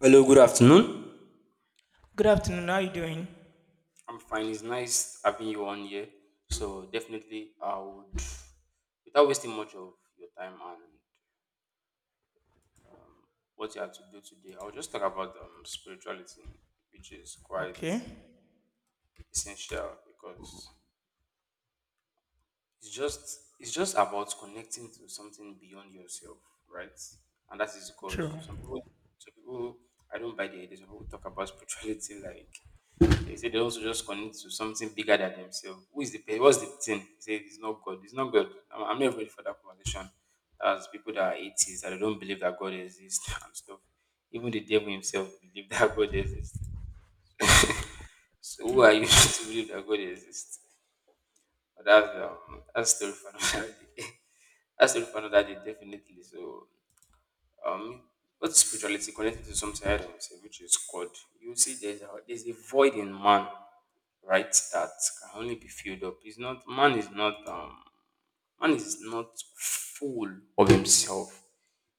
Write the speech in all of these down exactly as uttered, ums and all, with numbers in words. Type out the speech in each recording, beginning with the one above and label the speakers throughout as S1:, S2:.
S1: Hello, good afternoon.
S2: Good afternoon. How are you doing?
S1: I'm fine. It's nice having you on here. So definitely, I would, without wasting much of your time and what you have to do today, I'll just talk about um, spirituality, which is quite
S2: Okay.
S1: essential because it's just it's just about connecting to something beyond yourself, right? And that is God.
S2: True.
S1: Some people, some people, I don't buy the idea. Some people talk about spirituality like. They say they also just connect to something bigger than themselves. Who is the pe- what's the thing? They say it's not God. It's not God. I'm, I'm not ready for that conversation. As people that are atheists that they don't believe that God exists and stuff. Even the devil himself believe that God exists. So who are you to believe that God exists? But that's um, that's story for another day. That's story for another day, definitely. So, Um, what's spirituality connected to something I don't say, which is God? You see, there's a there's a void in man, right? That can only be filled up. It's not man is not um man is not full of himself.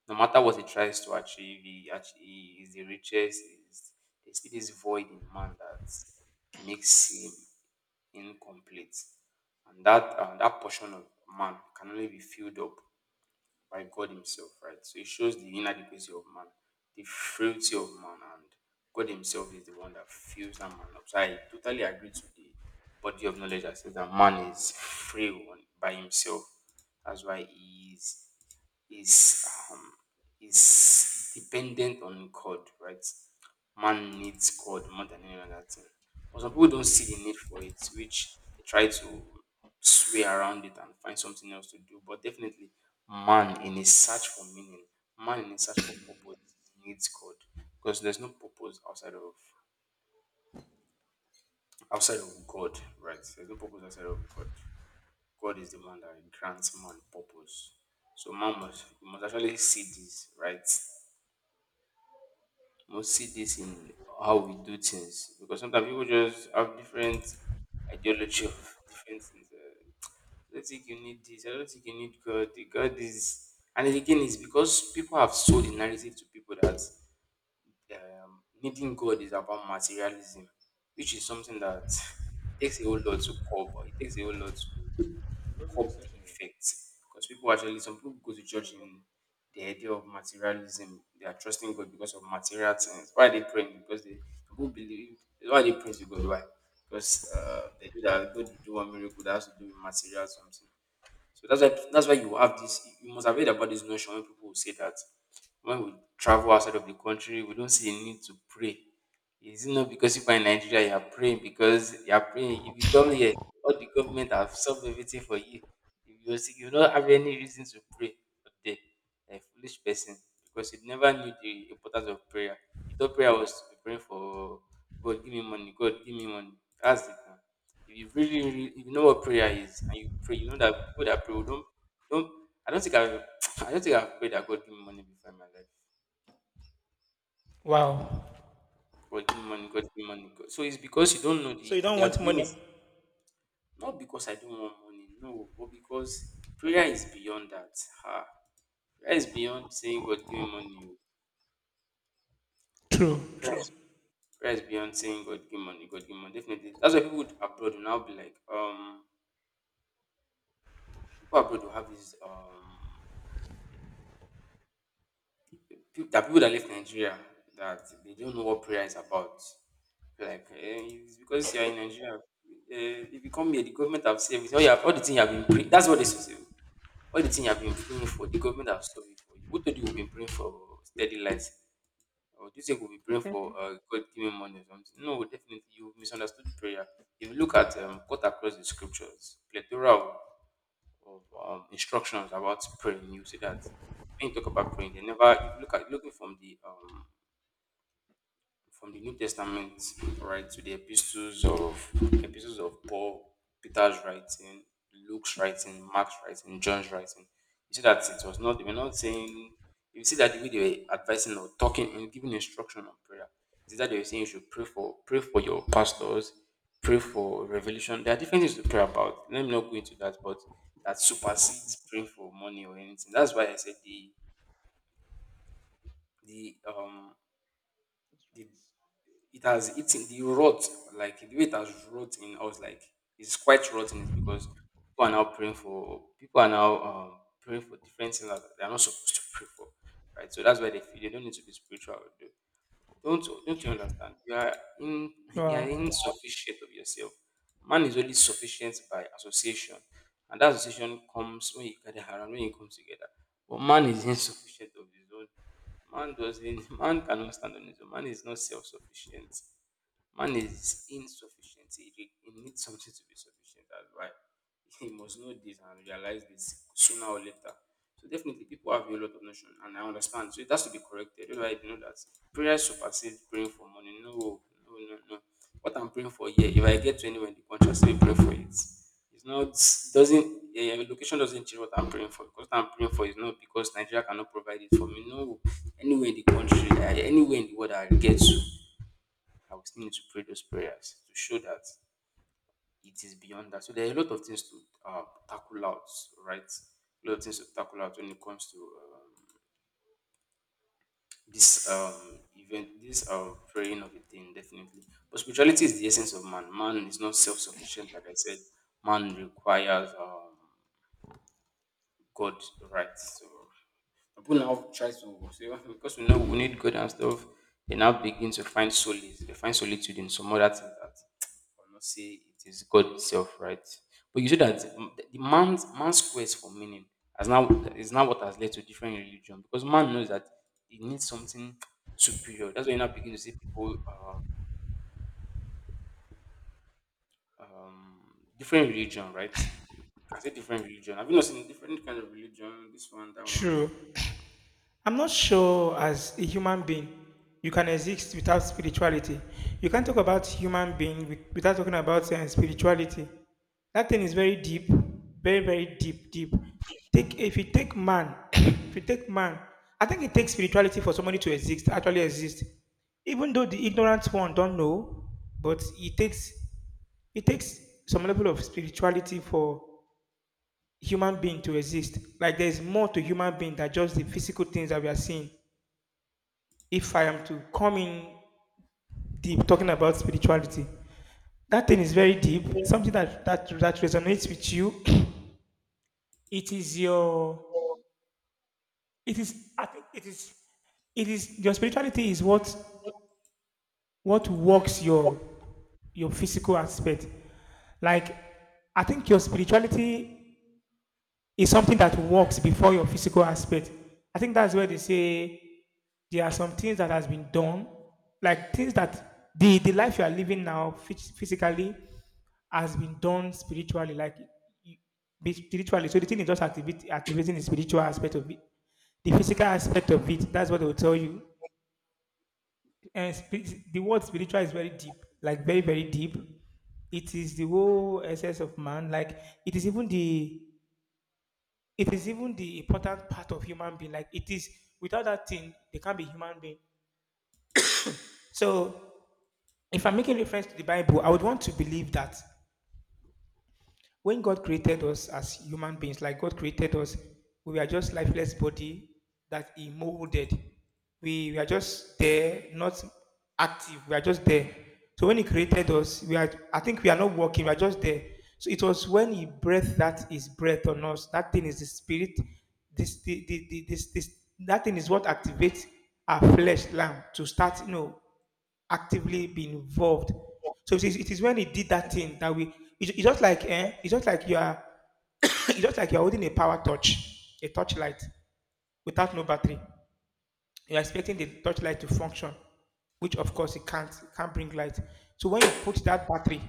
S1: No matter what he tries to achieve, he actually he is the richest. Is there's still this void in man that makes him incomplete, and that uh, that portion of man can only be filled up by God Himself, right? So it shows the inadequacy of man, the frailty of man, and God Himself is the one that fills that man up. So I totally agree to the body of knowledge that says that man is frail on- by himself. That's why he is is um, is dependent on God, right? Man needs God more than any other thing. But some people don't see the need for it, which they try to sway around it and find something else to do. But definitely, man in his search for meaning, man in his search for purpose needs God. Because there's no purpose outside of outside of God, right? There's no purpose outside of God. God is the one that grants man purpose. So man must you must actually see this, right? Must see this in how we do things because sometimes people just have different ideology of different things. Uh, I don't think you need this. I don't think you need God. The God is, and again, it's because people have sold the narrative to people that um, needing God is about materialism, which is something that it takes a whole lot to cover. It takes a whole lot to curb the effect because people actually some people go to church in the idea of materialism. They are trusting God because of material things. Why are they praying? Because they, people believe, why are they praying to God? Why? Because uh, they do that God will do one miracle that has to do with material something. So that's why that's why you have this. You must have heard about this notion when people will say that when we travel outside of the country, we don't see a need to pray. Is it not because you are in Nigeria? You are praying because you are praying. If you come here, all the government have solved everything for you. If you're sick, you don't have any reason to pray up there. A foolish person, because he never knew the importance of prayer. He thought prayer was to be praying for, "God, give me money, God, give me money." That's it. If you really, really, if you know what prayer is and you pray, you know that people that pray, we don't don't I don't think I've I don't think I've prayed that God give me money before in my life.
S2: Wow.
S1: "God, give me money, God, give me money. God." So it's because you don't know
S2: So
S1: the
S2: you don't
S1: you
S2: want
S1: are doing it.
S2: money?
S1: Not because I don't want money, no, but because prayer is beyond that. Ha. Prayer is beyond saying, "God, give me money." Oh,
S2: True.
S1: Prayer
S2: True.
S1: is, prayer is beyond saying, "God, give me money, God, give me money." Definitely. That's why people abroad will now be like, um people abroad will have this um Pe- there are people that left Nigeria that they don't know what prayer is about. Like, eh, it's because you're in Nigeria. Eh, if you come here, the government have saved it all. You have, all the thing you have been praying. That's what they should say. All the thing you have been praying for, the government have solved it for you. Who told you we've been praying for steady light? Or do you think we'll be praying for uh, God giving money or something? No, definitely you misunderstood prayer. If you look at um, cut across the scriptures, plethora of, of um, instructions about praying, you see that when you talk about praying, they never you look at looking from the um from the New Testament, right, to the epistles of epistles of Paul, Peter's writing, Luke's writing, Mark's writing, John's writing. You see that it was not they were not saying, you see that the way they were advising or talking and giving instruction on prayer. You see that they were saying you should pray for pray for your pastors, pray for revelation. There are different things to pray about. Let me not go into that, but that supersedes praying for money or anything. That's why I said the the um the it has eaten the rot, like the way it has rot in us, like it's quite rotten. It's because people are now praying for people are now um, praying for different things that they are not supposed to pray for, right? So that's why they feel they don't need to be spiritual. Don't don't you understand? You are in you are
S2: Wow.
S1: insufficient of yourself. Man is only sufficient by association, and that association comes when you gather around, when you come together. But man is insufficient of his own. Man doesn't. Man cannot stand on his own. Man is not self-sufficient. Man is insufficient. He, re- he needs something to be sufficient. That's why he must know this and realize this sooner or later. So definitely people have a lot of notion, and I understand. So it has to be corrected. Otherwise, you know that prayer supersedes praying for money. No, no, no, no. What I'm praying for here, if I get to anywhere in the country, I still pray for it. It's not doesn't uh, location doesn't change what I'm praying for, because what I'm praying for is not because Nigeria cannot provide it for me. No, anywhere in the country, I- anywhere in the world I get to, I will still need to pray those prayers to show that it is beyond that. So there are a lot of things to uh, tackle out, right? A lot of things to tackle out when it comes to um, this um event this um praying of a thing, definitely. But spirituality is the essence of man man is not self-sufficient, like I said. Man requires um God, right? So people now try to so because we know we need God and stuff, they now begin to find solace. They find solitude in some other things that I'll not say it is God itself, right? But you see that, mm, the the man's man's quest for meaning has now is now what has led to different religion, because man knows that he needs something superior. That's why you now begin to see people uh, um, different religion, right? Can say different religion. Have you not seen different kind of religion? This one, that one.
S2: True. I'm not sure as a human being you can exist without spirituality. You can't talk about human being with- without talking about uh, spirituality. That thing is very deep, very very deep, deep. Take if you take man, If you take man, I think it takes spirituality for somebody to exist, actually exist. Even though the ignorant one don't know, but it takes it takes some level of spirituality for human being to exist. Like there is more to human being than just the physical things that we are seeing. If I am to come in deep talking about spirituality, that thing is very deep, something that that, that resonates with you. It is your it is I think it is it is your spirituality is what what works your your physical aspect. Like I think your spirituality is something that works before your physical aspect. I think that's where they say there are some things that has been done, like things that the the life you are living now phys- physically has been done spiritually, like y- be- spiritually. So the thing is just activate, activating the spiritual aspect of it, the physical aspect of it. That's what they will tell you. And spi- the word spiritual is very deep, like very very deep. It is the whole essence of man. Like it is even the it is even the important part of human being. Like it is without that thing, they can't be human being. So if I'm making reference to the Bible, I would want to believe that when God created us as human beings, like God created us, we were just lifeless body that He molded. We, we are just there, not active. We are just there. So when He created us, we are. I think we are not working. We are just there. So it was when He breathed that His breath on us. That thing is the Spirit. This, the, the, the, this, this, That thing is what activates our flesh lamb to start. You know, actively be involved. So it is, it is when he did that thing that we. It's it's just like eh, it's just like you are it's just like you are holding a power torch, a torchlight without no battery. You are expecting the torchlight to function, which of course it can't it can't bring light. So when you put that battery,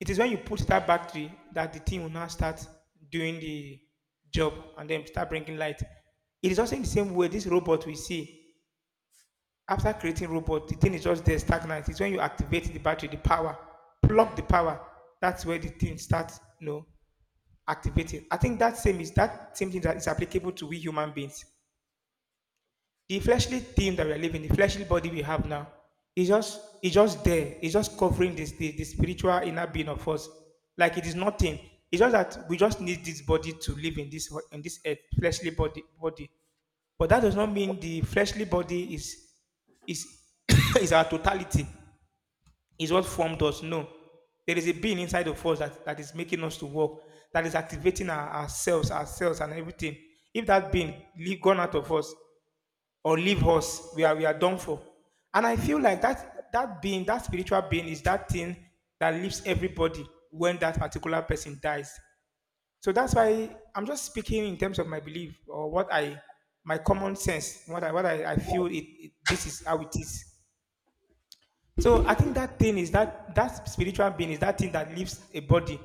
S2: it is when you put that battery that the thing will now start doing the job and then start bringing light. It is also in the same way this robot we see. After creating robot, the thing is just there stagnant. It's when you activate the battery, the power, plug the power. That's where the thing starts, you know, activating. I think that same is that same thing that is applicable to we human beings. The fleshly thing that we are living, the fleshly body we have now, is just is just there. It's just covering this the, the spiritual inner being of us. Like it is nothing. It's just that we just need this body to live in this in this earth, fleshly body body. But that does not mean the fleshly body is is is our totality, is what formed us. No. There is a being inside of us that, that is making us to walk, that is activating our, ourselves, ourselves and everything. If that being leave, gone out of us or leave us, we are we are done for. And I feel like that that being, that spiritual being is that thing that leaves everybody when that particular person dies. So that's why I'm just speaking in terms of my belief or what I, my common sense, what I, what I, I feel it, it, this is how it is. So I think that thing is that, that spiritual being is that thing that leaves a body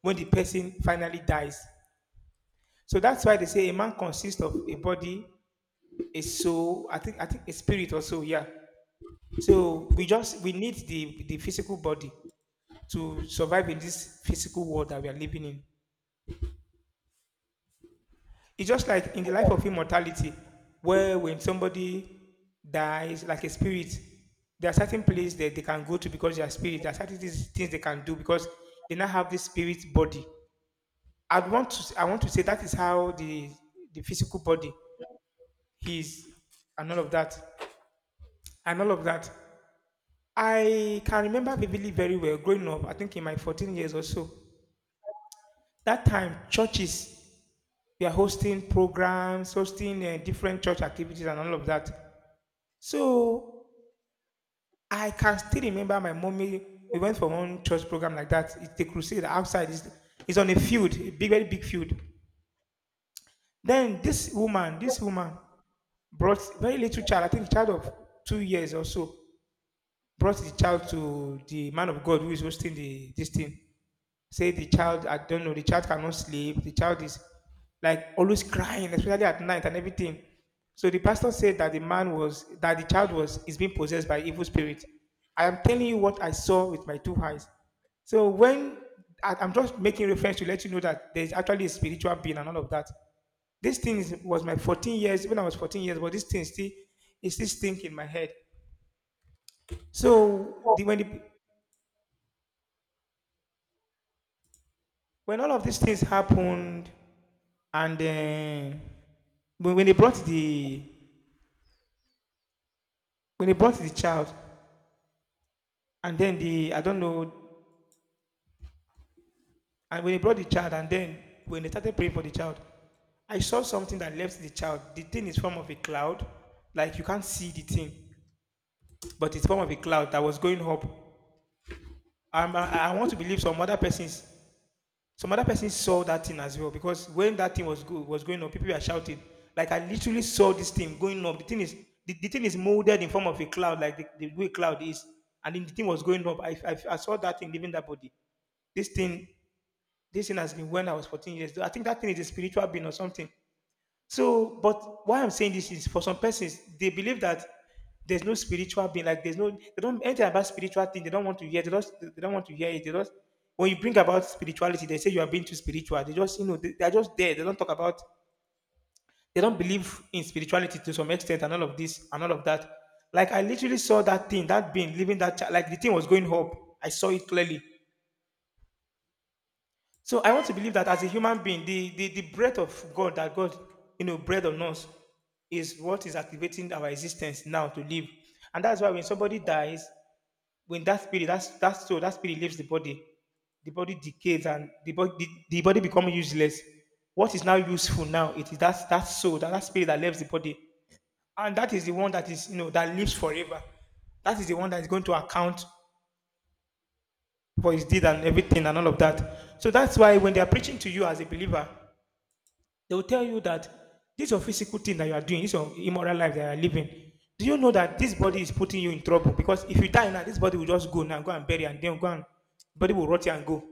S2: when the person finally dies. So that's why they say a man consists of a body, a soul, I think, I think a spirit also, yeah. So we just, we need the, the physical body to survive in this physical world that we are living in. It's just like in the life of immortality, where when somebody dies, like a spirit, there are certain places that they can go to because they are spirit. There are certain things things they can do because they now have this spirit body. I want to I want to say that is how the the physical body is and all of that and all of that. I can remember vividly very well growing up. I think in my fourteen years or so. That time churches were hosting programs, hosting uh, different church activities and all of that. So I can still remember my mommy. We went for one church program like that. It's the crusade outside. It's, it's on a field, a big, very big field. Then this woman, this woman brought very little child. I think a child of two years or so. Brought the child to the man of God who is hosting the this thing. Say the child, I don't know, the child cannot sleep, the child is like always crying, especially at night and everything. So the pastor said that the man was that the child was is being possessed by evil spirit. I am telling you what I saw with my two eyes. So when I, I'm just making reference to let you know that there is actually a spiritual being and all of that. This thing is, was my fourteen years when I was fourteen years, but this thing still is still stink in my head. So the, when the, when all of these things happened, and uh, when when they brought the when they brought the child and then the I don't know and when they brought the child and then when they started praying for the child, I saw something that left the child. The thing is form of a cloud, like you can't see the thing, but it's form of a cloud that was going up. Um, i i want to believe some other persons. Some other person saw that thing as well because when that thing was good was going up, people were shouting. Like I literally saw this thing going up. The thing is the, the thing is molded in form of a cloud, like the, the way cloud is, and then the thing was going up. I, I, I saw that thing leaving that body. This thing, this thing has been when I was fourteen years old. I think that thing is a spiritual being or something. So, but why I'm saying this is for some persons, they believe that there's no spiritual being, like there's no, they don't, anything about spiritual thing, they don't want to hear, they don't, they don't want to hear it. They don't, when you bring about spirituality, they say you are being too spiritual. They just, you know, they, they are just there. They don't talk about, they don't believe in spirituality to some extent and all of this and all of that. Like I literally saw that thing, that being, living that child, like the thing was going up. I saw it clearly. So I want to believe that as a human being, the, the, the breath of God that God you know, breathed on us is what is activating our existence now to live. And that's why when somebody dies, when that spirit, that's that soul, that spirit leaves the body, the body decays and the body the, the body becomes useless. What is now useful now? It is that that soul, that, that spirit that leaves the body. And that is the one that is, you know, that lives forever. That is the one that is going to account for his deed and everything and all of that. So that's why when they are preaching to you as a believer, they will tell you that this is your physical thing that you are doing, this is your immoral life that you are living. Do you know that this body is putting you in trouble? Because if you die now, this body will just go now, go and bury, and then go and body will rot you and go.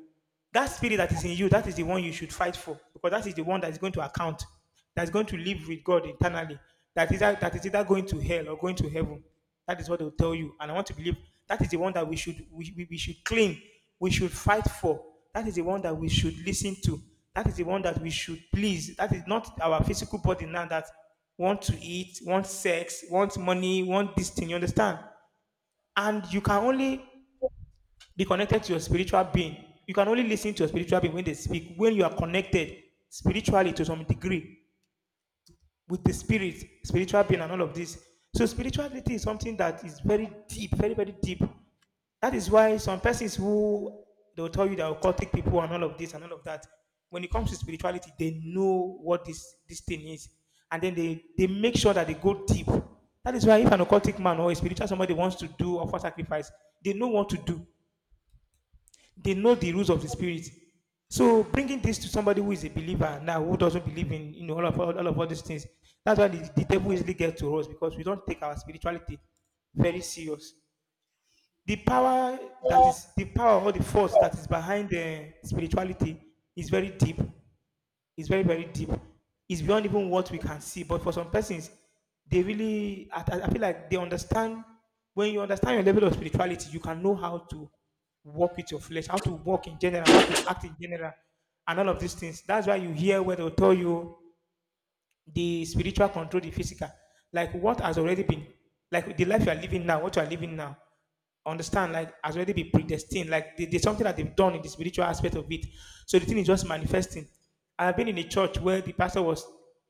S2: That spirit that is in you, that is the one you should fight for, because that is the one that is going to account, that is going to live with God eternally. That is that is either going to hell or going to heaven. That is what they'll tell you. And I want to believe that is the one that we should we, we, we should claim, we should fight for. That is the one that we should listen to. That is the one that we should please. That is not our physical body now that want to eat, want sex, want money, want this thing. You understand? And you can only be connected to your spiritual being. You can only listen to your spiritual being when they speak, when you are connected spiritually to some degree with the spirit, spiritual being, and all of this. So spirituality is something that is very deep, very very deep. That is why some persons who they will tell you they are occultic people and all of this and all of that. When it comes to spirituality, they know what this this thing is, and then they they make sure that they go deep. That is why if an occultic man or a spiritual somebody wants to do offer sacrifice, they know what to do, they know the rules of the spirit. So bringing this to somebody who is a believer now, who doesn't believe in, you know, all of all, all of all these things, that's why the, the devil easily gets to us because we don't take our spirituality very serious. The power that is the power or the force that is behind the spirituality is very deep, it's very, very deep. It's beyond even what we can see. But for some persons, they really, I, I I feel like they understand. When you understand your level of spirituality, you can know how to walk with your flesh, how to walk in general, how to act in general, and all of these things. That's why you hear where they'll tell you the spiritual control the physical, like what has already been, like the life you are living now, what you are living now, understand, like has already been predestined. Like there- there's something that they've done in the spiritual aspect of it, so the thing is just manifesting. I've been in a church where the pastor was,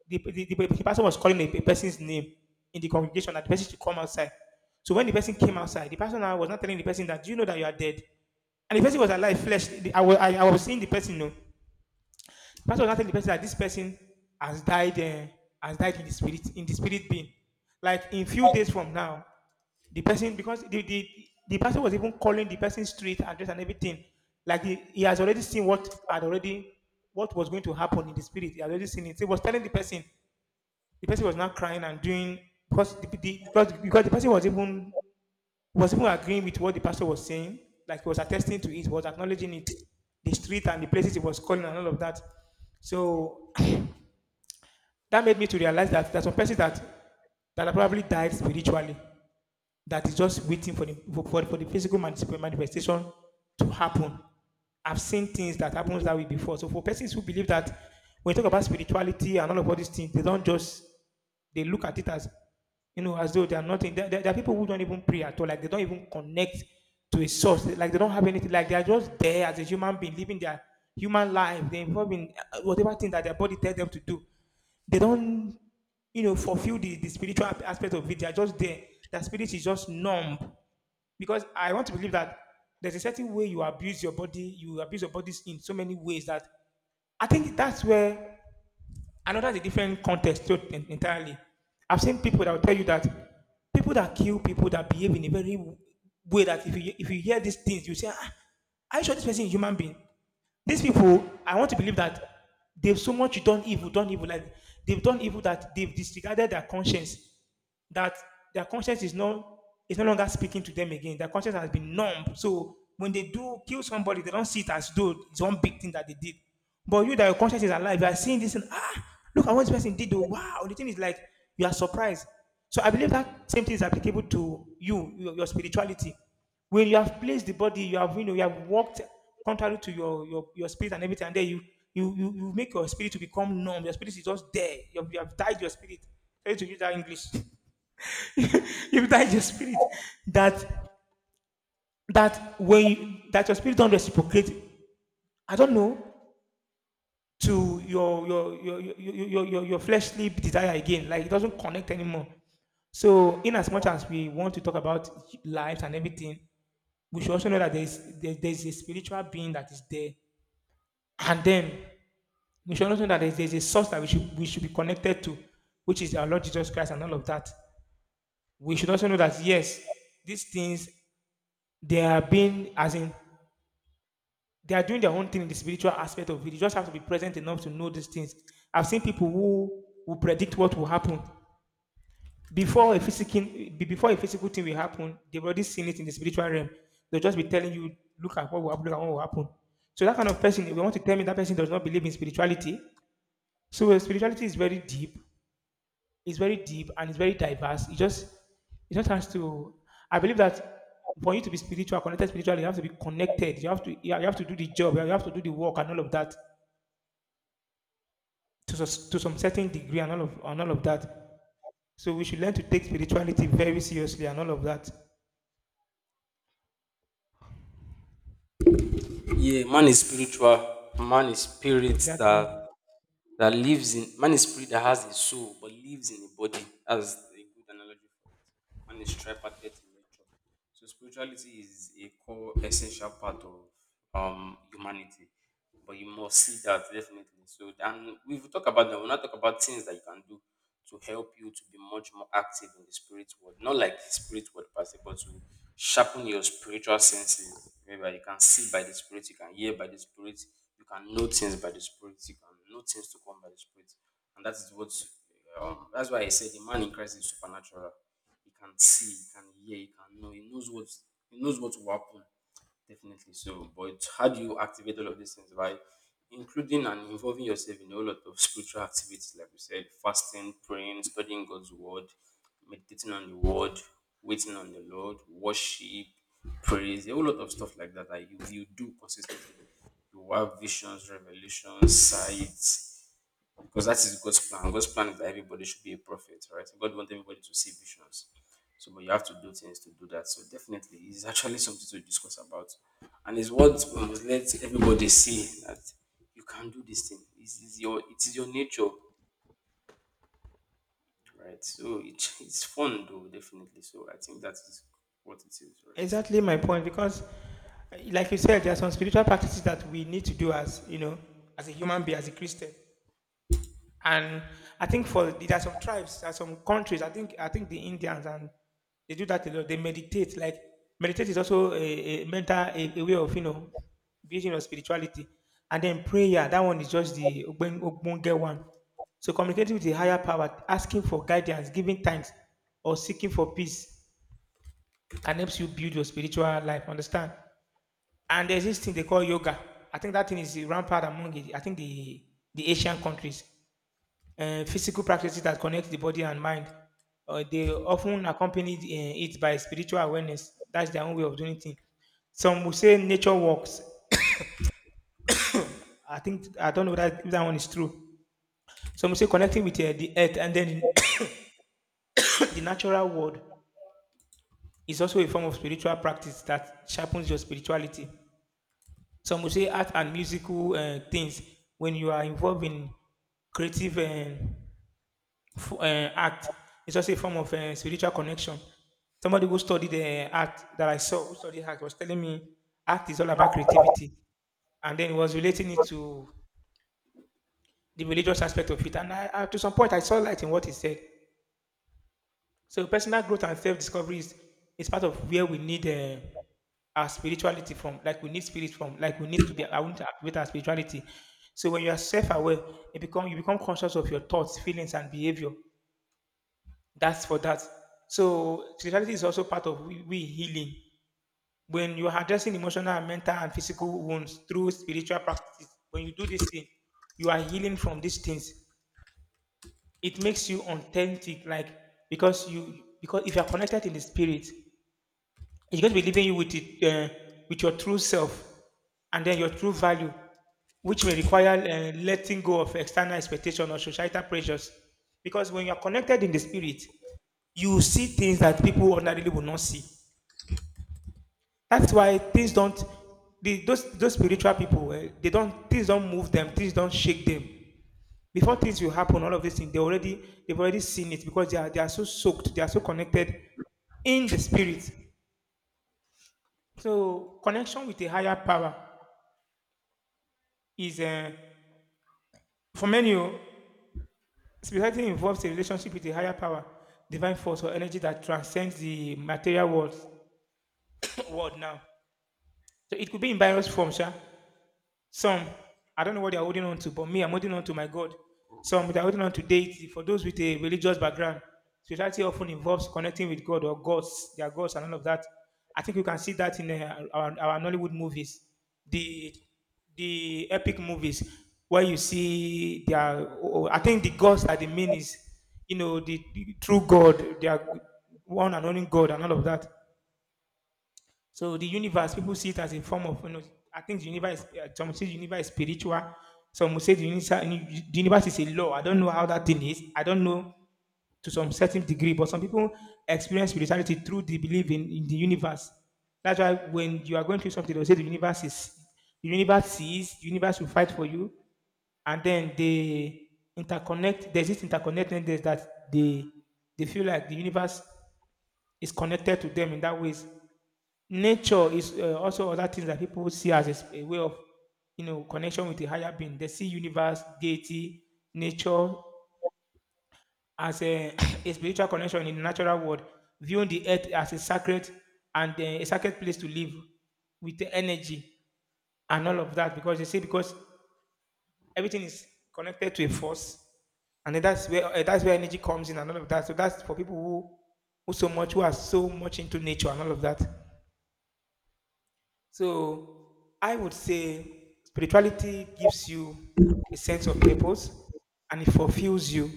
S2: the, the, the, the pastor was calling a, a person's name in the congregation that the person should come outside. So when the person came outside, the pastor now was not telling the person that do you know that you are dead, and the person was alive flesh. I was i, I was seeing the person, you know. Pastor will now tell the person that this person has died, uh, has died in the spirit, in the spirit being. Like in few days from now, the person, because the the, the pastor was even calling the person's street address and everything. Like he, he has already seen what had already, what was going to happen in the spirit. He had already seen it. So He was telling the person. The person was now crying and doing, because the, the because, because the person was even, was even agreeing with what the pastor was saying. Like he was attesting to it, was acknowledging it, the street and the places he was calling and all of that. So that made me to realize that there are some persons that, that have probably died spiritually, that is just waiting for the, for, for, the physical manifestation to happen. I've seen things that happens that way before. So for persons who believe that when you talk about spirituality and all of all these things, they don't just, they look at it as, you know, as though they are nothing. There, there, there are people who don't even pray at all, like they don't even connect to a source, like they don't have anything, like they are just there as a human being living their human life. They're involved in uh, whatever thing that their body tells them to do. They don't, you know, fulfill the, the spiritual aspect of it. They are just there. That spirit is just numb. Because I want to believe that there's a certain way you abuse your body, you abuse your bodies in so many ways that I think that's where another is a different context to it en- entirely. I've seen people that will tell you that people that kill people that behave in a very way that if you, if you hear these things, you say, ah, are you sure this person is a human being? These people, I want to believe that they've so much done evil, done evil, like they've done evil that they've disregarded their conscience, that their conscience is no, is no longer speaking to them again. Their conscience has been numb. So when they do kill somebody, they don't see it as though it's one big thing that they did. But you that your conscience is alive, you are seeing this and ah, look at what this person did. Oh, wow. The thing is like you are surprised. So I believe that same thing is applicable to you, your, your spirituality. When you have placed the body, you have, you know, you have walked contrary to your your, your spirit and everything, and then you, you, you you make your spirit to become numb. Your spirit is just there. You have, you have died your spirit. Sorry to use that English. If that is your spirit that, that when you, that your spirit don't reciprocate, I don't know, to your your your your your, your, your- fleshly desire again, like it doesn't connect anymore. So in as much as we want to talk about lives and everything, we should also know that there's there, there's a spiritual being that is there, and then we should also know that there's, there's a source that we should we should be connected to, which is our Lord Jesus Christ and all of that. We should also know that yes, these things, they are being, as in, they are doing their own thing in the spiritual aspect of it. You just have to be present enough to know these things. I've seen people who will predict what will happen before a physical, before a physical thing will happen. They've already seen it in the spiritual realm. They'll just be telling you, look at what will happen, look at what will happen. So that kind of person, if you want to tell me that person does not believe in spirituality, so uh, spirituality is very deep. It's very deep and it's very diverse. It just, it just has to. I believe that for you to be spiritual, connected spiritually, you have to be connected. You have to, you have to do the job. You have to do the work and all of that, to, sus- to some certain degree and all of, and all of that. So we should learn to take spirituality very seriously and all of that.
S1: Yeah, man is spiritual. Man is spirit,
S2: Exactly,
S1: that that lives in man is spirit that has a soul but lives in a body. That's a good analogy for it. Man is tripartite in nature. So spirituality is a core essential part of um humanity. But you must see that, definitely. So then we will talk about that. We'll not talk about things that you can do to help you to be much more active in the spirit world. Not like the spirit world per se, but to sharpen your spiritual senses. Remember, you can see by the spirit, you can hear by the spirit, you can know things by the spirit, you can know things to come by the spirit. And that is what um, that's why I said the man in Christ is supernatural. He can see, he can hear, he can know, he knows what he knows what will happen. Definitely so. But how do you activate all of these things? By including and involving yourself in a whole lot of spiritual activities, like we said: fasting, praying, studying God's word, meditating on the word, waiting on the Lord, worship, praise, a whole lot of stuff like that, that you, you do consistently. You have visions, revelations, sights, because that is God's plan. God's plan is that everybody should be a prophet, right? God wants everybody to see visions. So, but you have to do things to do that. So, definitely, it's actually something to discuss about, and it's what we must let everybody see, that you can do this thing. It is your it is your nature, right? So it, it's fun though, definitely. So I think that is what it is, right?
S2: exactly my point. Because, uh, like you said, there are some spiritual practices that we need to do, as you know, as a human being, as a Christian. And I think for there are some tribes, there are some countries. I think I think the Indians and they do that a lot. They meditate. Like meditate is also a, a mental a, a way of, you know, building your spirituality. And then prayer, that one is just the Ogbon- ogbonge one. So communicating with the higher power, asking for guidance, giving thanks, or seeking for peace can help you build your spiritual life. Understand? And there's this thing they call yoga. I think that thing is rampant among it. I think the the Asian countries, uh, physical practices that connect the body and mind. Uh, they often accompany uh, it by spiritual awareness. That's their own way of doing things. Some will say nature walks. I think I don't know that if that one is true. Some will say connecting with uh, the earth and then the natural world is also a form of spiritual practice that sharpens your spirituality. Some will say art and musical uh, things when you are involved in creative. Uh, f- uh, act. It's just a form of uh, spiritual connection. Somebody who studied the act that I saw, who studied act, was telling me act is all about creativity, and then he was relating it to the religious aspect of it. And I, I, to some point, I saw light in what he said. So personal growth and self-discovery is, is part of where we need uh, our spirituality from. Like we need spirit from. Like we need to be. I want to activate our spirituality. So when you are self-aware, it become, you become conscious of your thoughts, feelings, and behavior. That's for that. So spirituality is also part of we, we healing. When you are addressing emotional, and mental, and physical wounds through spiritual practice, when you do this thing, you are healing from these things. It makes you authentic, like because you because if you are connected in the spirit, he's going to be leaving you with it, uh, with your true self, and then your true value, which may require uh, letting go of external expectation or societal pressures. Because when you're connected in the spirit, you see things that people ordinarily will not see. That's why things don't. The, those those spiritual people, eh, they don't, things don't move them, things don't shake them. Before things will happen, all of these things they already they've already seen it because they are they are so soaked, they are so connected in the spirit. So connection with a higher power is uh, for many, oh, spirituality involves a relationship with a higher power, divine force or energy that transcends the material world. World now, so it could be in various forms, yeah? Some, I don't know what they're holding on to, but me, I'm holding on to my God. Some, they're holding on to deity. For those with a religious background, spirituality often involves connecting with God or gods, their gods, and all of that. I think you can see that in uh, our, our Nollywood movies, the the epic movies, where you see their. Oh, I think the gods that they mean is, you know, the, the true God, their one and only God, and all of that. So the universe, people see it as a form of, you know, I think the universe, is- uh, some say the universe is spiritual, some will say the universe, the universe is a law. I don't know how that thing is. I don't know to some certain degree, but some people experience spirituality through the belief in, in the universe. That's why when you are going through something, they'll say the universe is, the universe sees, the universe will fight for you, and then they interconnect. There's this interconnectedness that they they feel like the universe is connected to them in that ways. Nature is uh, also other things that people see as a, s- a way of, you know, connection with a higher being. They see universe, deity, nature as a, a spiritual connection in the natural world, viewing the earth as a sacred and uh, a sacred place to live, with the energy and all of that, because they say, because everything is connected to a force, and then that's where uh, that's where energy comes in and all of that. So that's for people who who so much who are so much into nature and all of that. So I would say spirituality gives you a sense of purpose and it fulfills you.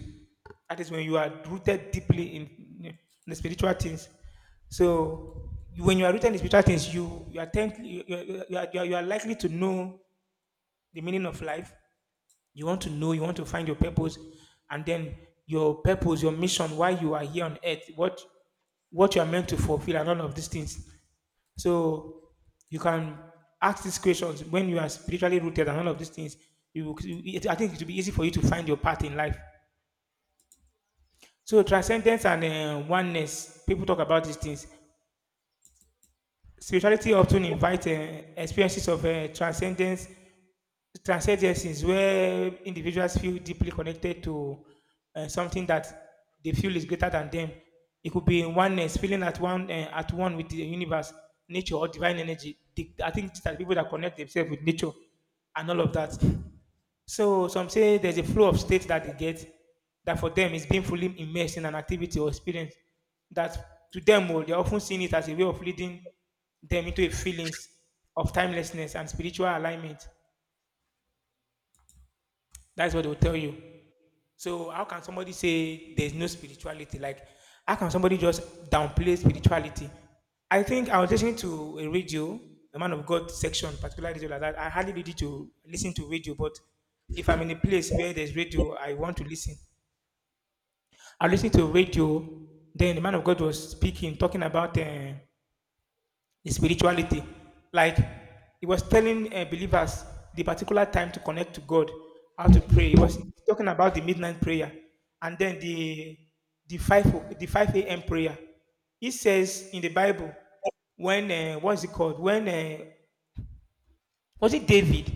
S2: That is when you are rooted deeply in, in the spiritual things. So you- when you are rooted in spiritual things, you, you, are, tend, you, you, you, are you are you are likely to know the meaning of life. You want to know, you want to find your purpose, and then your purpose, your mission, why you are here on earth, what what you are meant to fulfill, and all of these things. So you can ask these questions when you are spiritually rooted and all of these things. You, will- it- I think it will be easy for you to find your path in life. So transcendence and uh, oneness, people talk about these things. Spirituality often invites uh, experiences of uh, transcendence, trans agencies, where individuals feel deeply connected to uh, something that they feel is greater than them. It could be in oneness, feeling at one uh, at one with the universe, nature, or divine energy. The- I think that people that connect themselves with nature and all of that. So some say there's a flow of states that they get, that for them is being fully immersed in an activity or experience, that to them, oh, they're often seeing it as a way of leading them into a feelings of timelessness and spiritual alignment. That's what they'll tell you. So how can somebody say there's no spirituality? Like, how can somebody just downplay spirituality? I think I was listening to a radio, a man of God section, particular radio like that. I hardly need to listen to radio, but if I'm in a place where there's radio, I want to listen. I listen to radio. Then the man of God was speaking, talking about uh, the spirituality. Like he was telling uh, believers the particular time to connect to God, how to pray. He was talking about the midnight prayer and then the the five o- the five a m prayer. He says in the Bible when uh, what's it called, when uh, was it David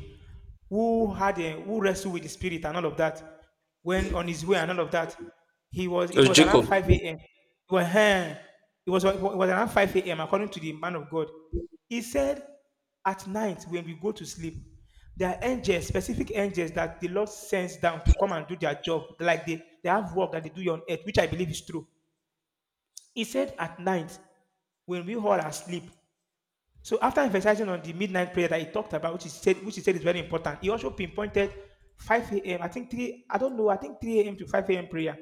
S2: who had a, who wrestled with the spirit and all of that, when on his way and all of that? He was. It
S1: So
S2: was around
S1: Jacob,
S2: five a m. Well, huh, it was it was around five a m. According to the man of God, he said, "At night when we go to sleep, there are angels, specific angels that the Lord sends down to come and do their job. Like they they have work that they do on earth, which I believe is true." He said, "At night when we all are asleep, so after emphasizing on the midnight prayer that he talked about, which he said, which he said is very important, he also pinpointed five a m. I think three, I don't know, I think three a m to five a m prayer.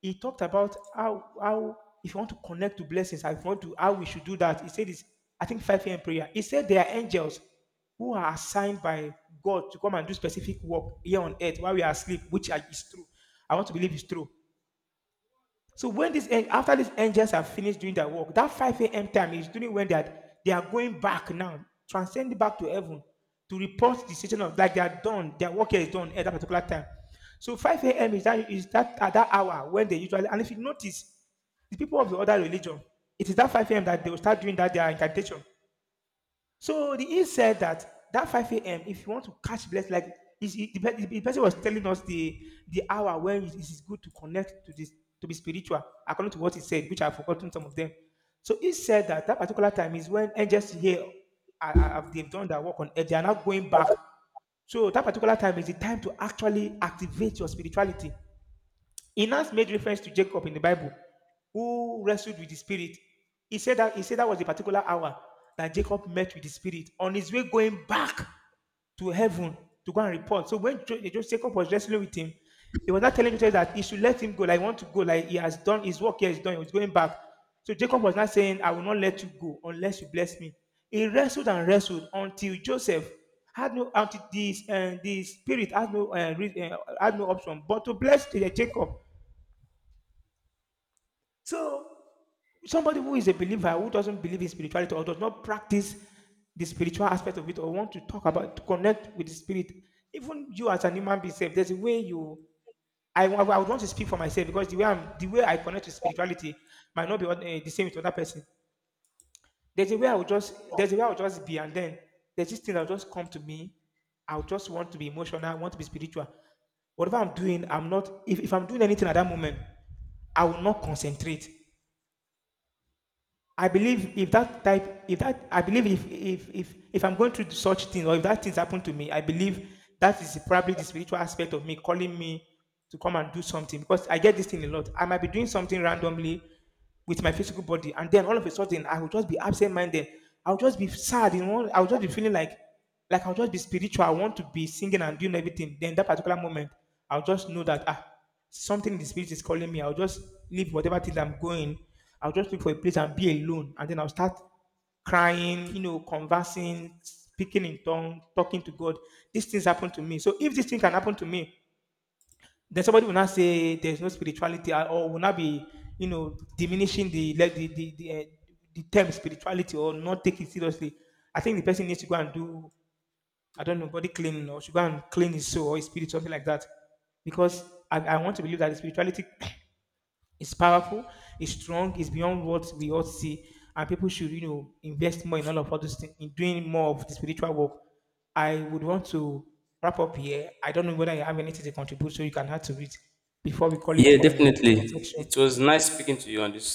S2: He talked about how how if you want to connect to blessings, I want to how we should do that. He said it's, I think, five a m prayer. He said there are angels who are assigned by God to come and do specific work here on earth while we are asleep, which is true. I want to believe is true. So when this en- after these angels have finished doing their work, that five a m time is during when they are, they are going back now, transcend back to heaven to report the situation of, like, they are done, their work here is done at that particular time. So five a m is that is that at that hour when they usually, and if you notice the people of the other religion, it is that five a m that they will start doing that their incantation. So the, he said that that five a m, if you want to catch bless, like is it- the, pe- the person was telling us the the hour when it is good to connect to this, to be spiritual, according to what he said, which I've forgotten some of them. So he said that that particular time is when angels here are, are, have- they've done their work on earth, they are now going back. So that particular time is the time to actually activate your spirituality. He Enos made reference to Jacob in the Bible, who wrestled with the spirit. He said that, he said that was the particular hour that Jacob met with the spirit on his way going back to heaven to go and report. So when Jacob was wrestling with him, he was not telling Joseph that he should let him go. Like, I want to go. Like, he has done his work here, he's done. He was going back. So Jacob was not saying, I will not let you go unless you bless me. He wrestled and wrestled until Joseph had no, until this uh, the spirit had no uh, uh, had no option but to bless uh, Jacob. So somebody who is a believer who doesn't believe in spirituality or does not practice the spiritual aspect of it or want to talk about to connect with the spirit, even you as an human being, self, there's a way you. I, wa- I would want to speak for myself, because the way I'm, the way I connect with spirituality might not be what- eh, the same with other person. There's a way I would just there's a way I would just be, and then there's this thing that will just come to me. I would just want to be emotional, I want to be spiritual. Whatever I'm doing, I'm not. If, if I'm doing anything at that moment, I will not concentrate. I believe if that type, if that, I believe if if if if I'm going through such thing or if that things happen to me, I believe that is probably the spiritual aspect of me calling me to come and do something, because I get this thing a lot. I might be doing something randomly with my physical body, and then all of a sudden I will just be absent-minded. I'll just be sad, you know. I'll just be feeling like, like I'll just be spiritual. I want to be singing and doing everything. Then that particular moment, I'll just know that ah, something in the spirit is calling me. I'll just leave whatever things I'm going. I'll just look for a place and be alone. And then I'll start crying, you know, conversing, speaking in tongues, talking to God. These things happen to me. So if this thing can happen to me, then somebody will not say there's no spirituality or will not be, you know, diminishing the like the the, the, uh, the term spirituality or not take it seriously. I think the person needs to go and do, I don't know, body cleaning or should go and clean his soul or his spirit, something like that. Because I, I want to believe that the spirituality it's powerful, it's strong, it's beyond what we all see. And people should, you know, invest more in all of all those things, in doing more of the spiritual work. I would want to wrap up here. I don't know whether you have anything to contribute, so you can add to it before we call it
S1: yeah,
S2: a
S1: definitely.
S2: section.
S1: It was nice speaking to you on this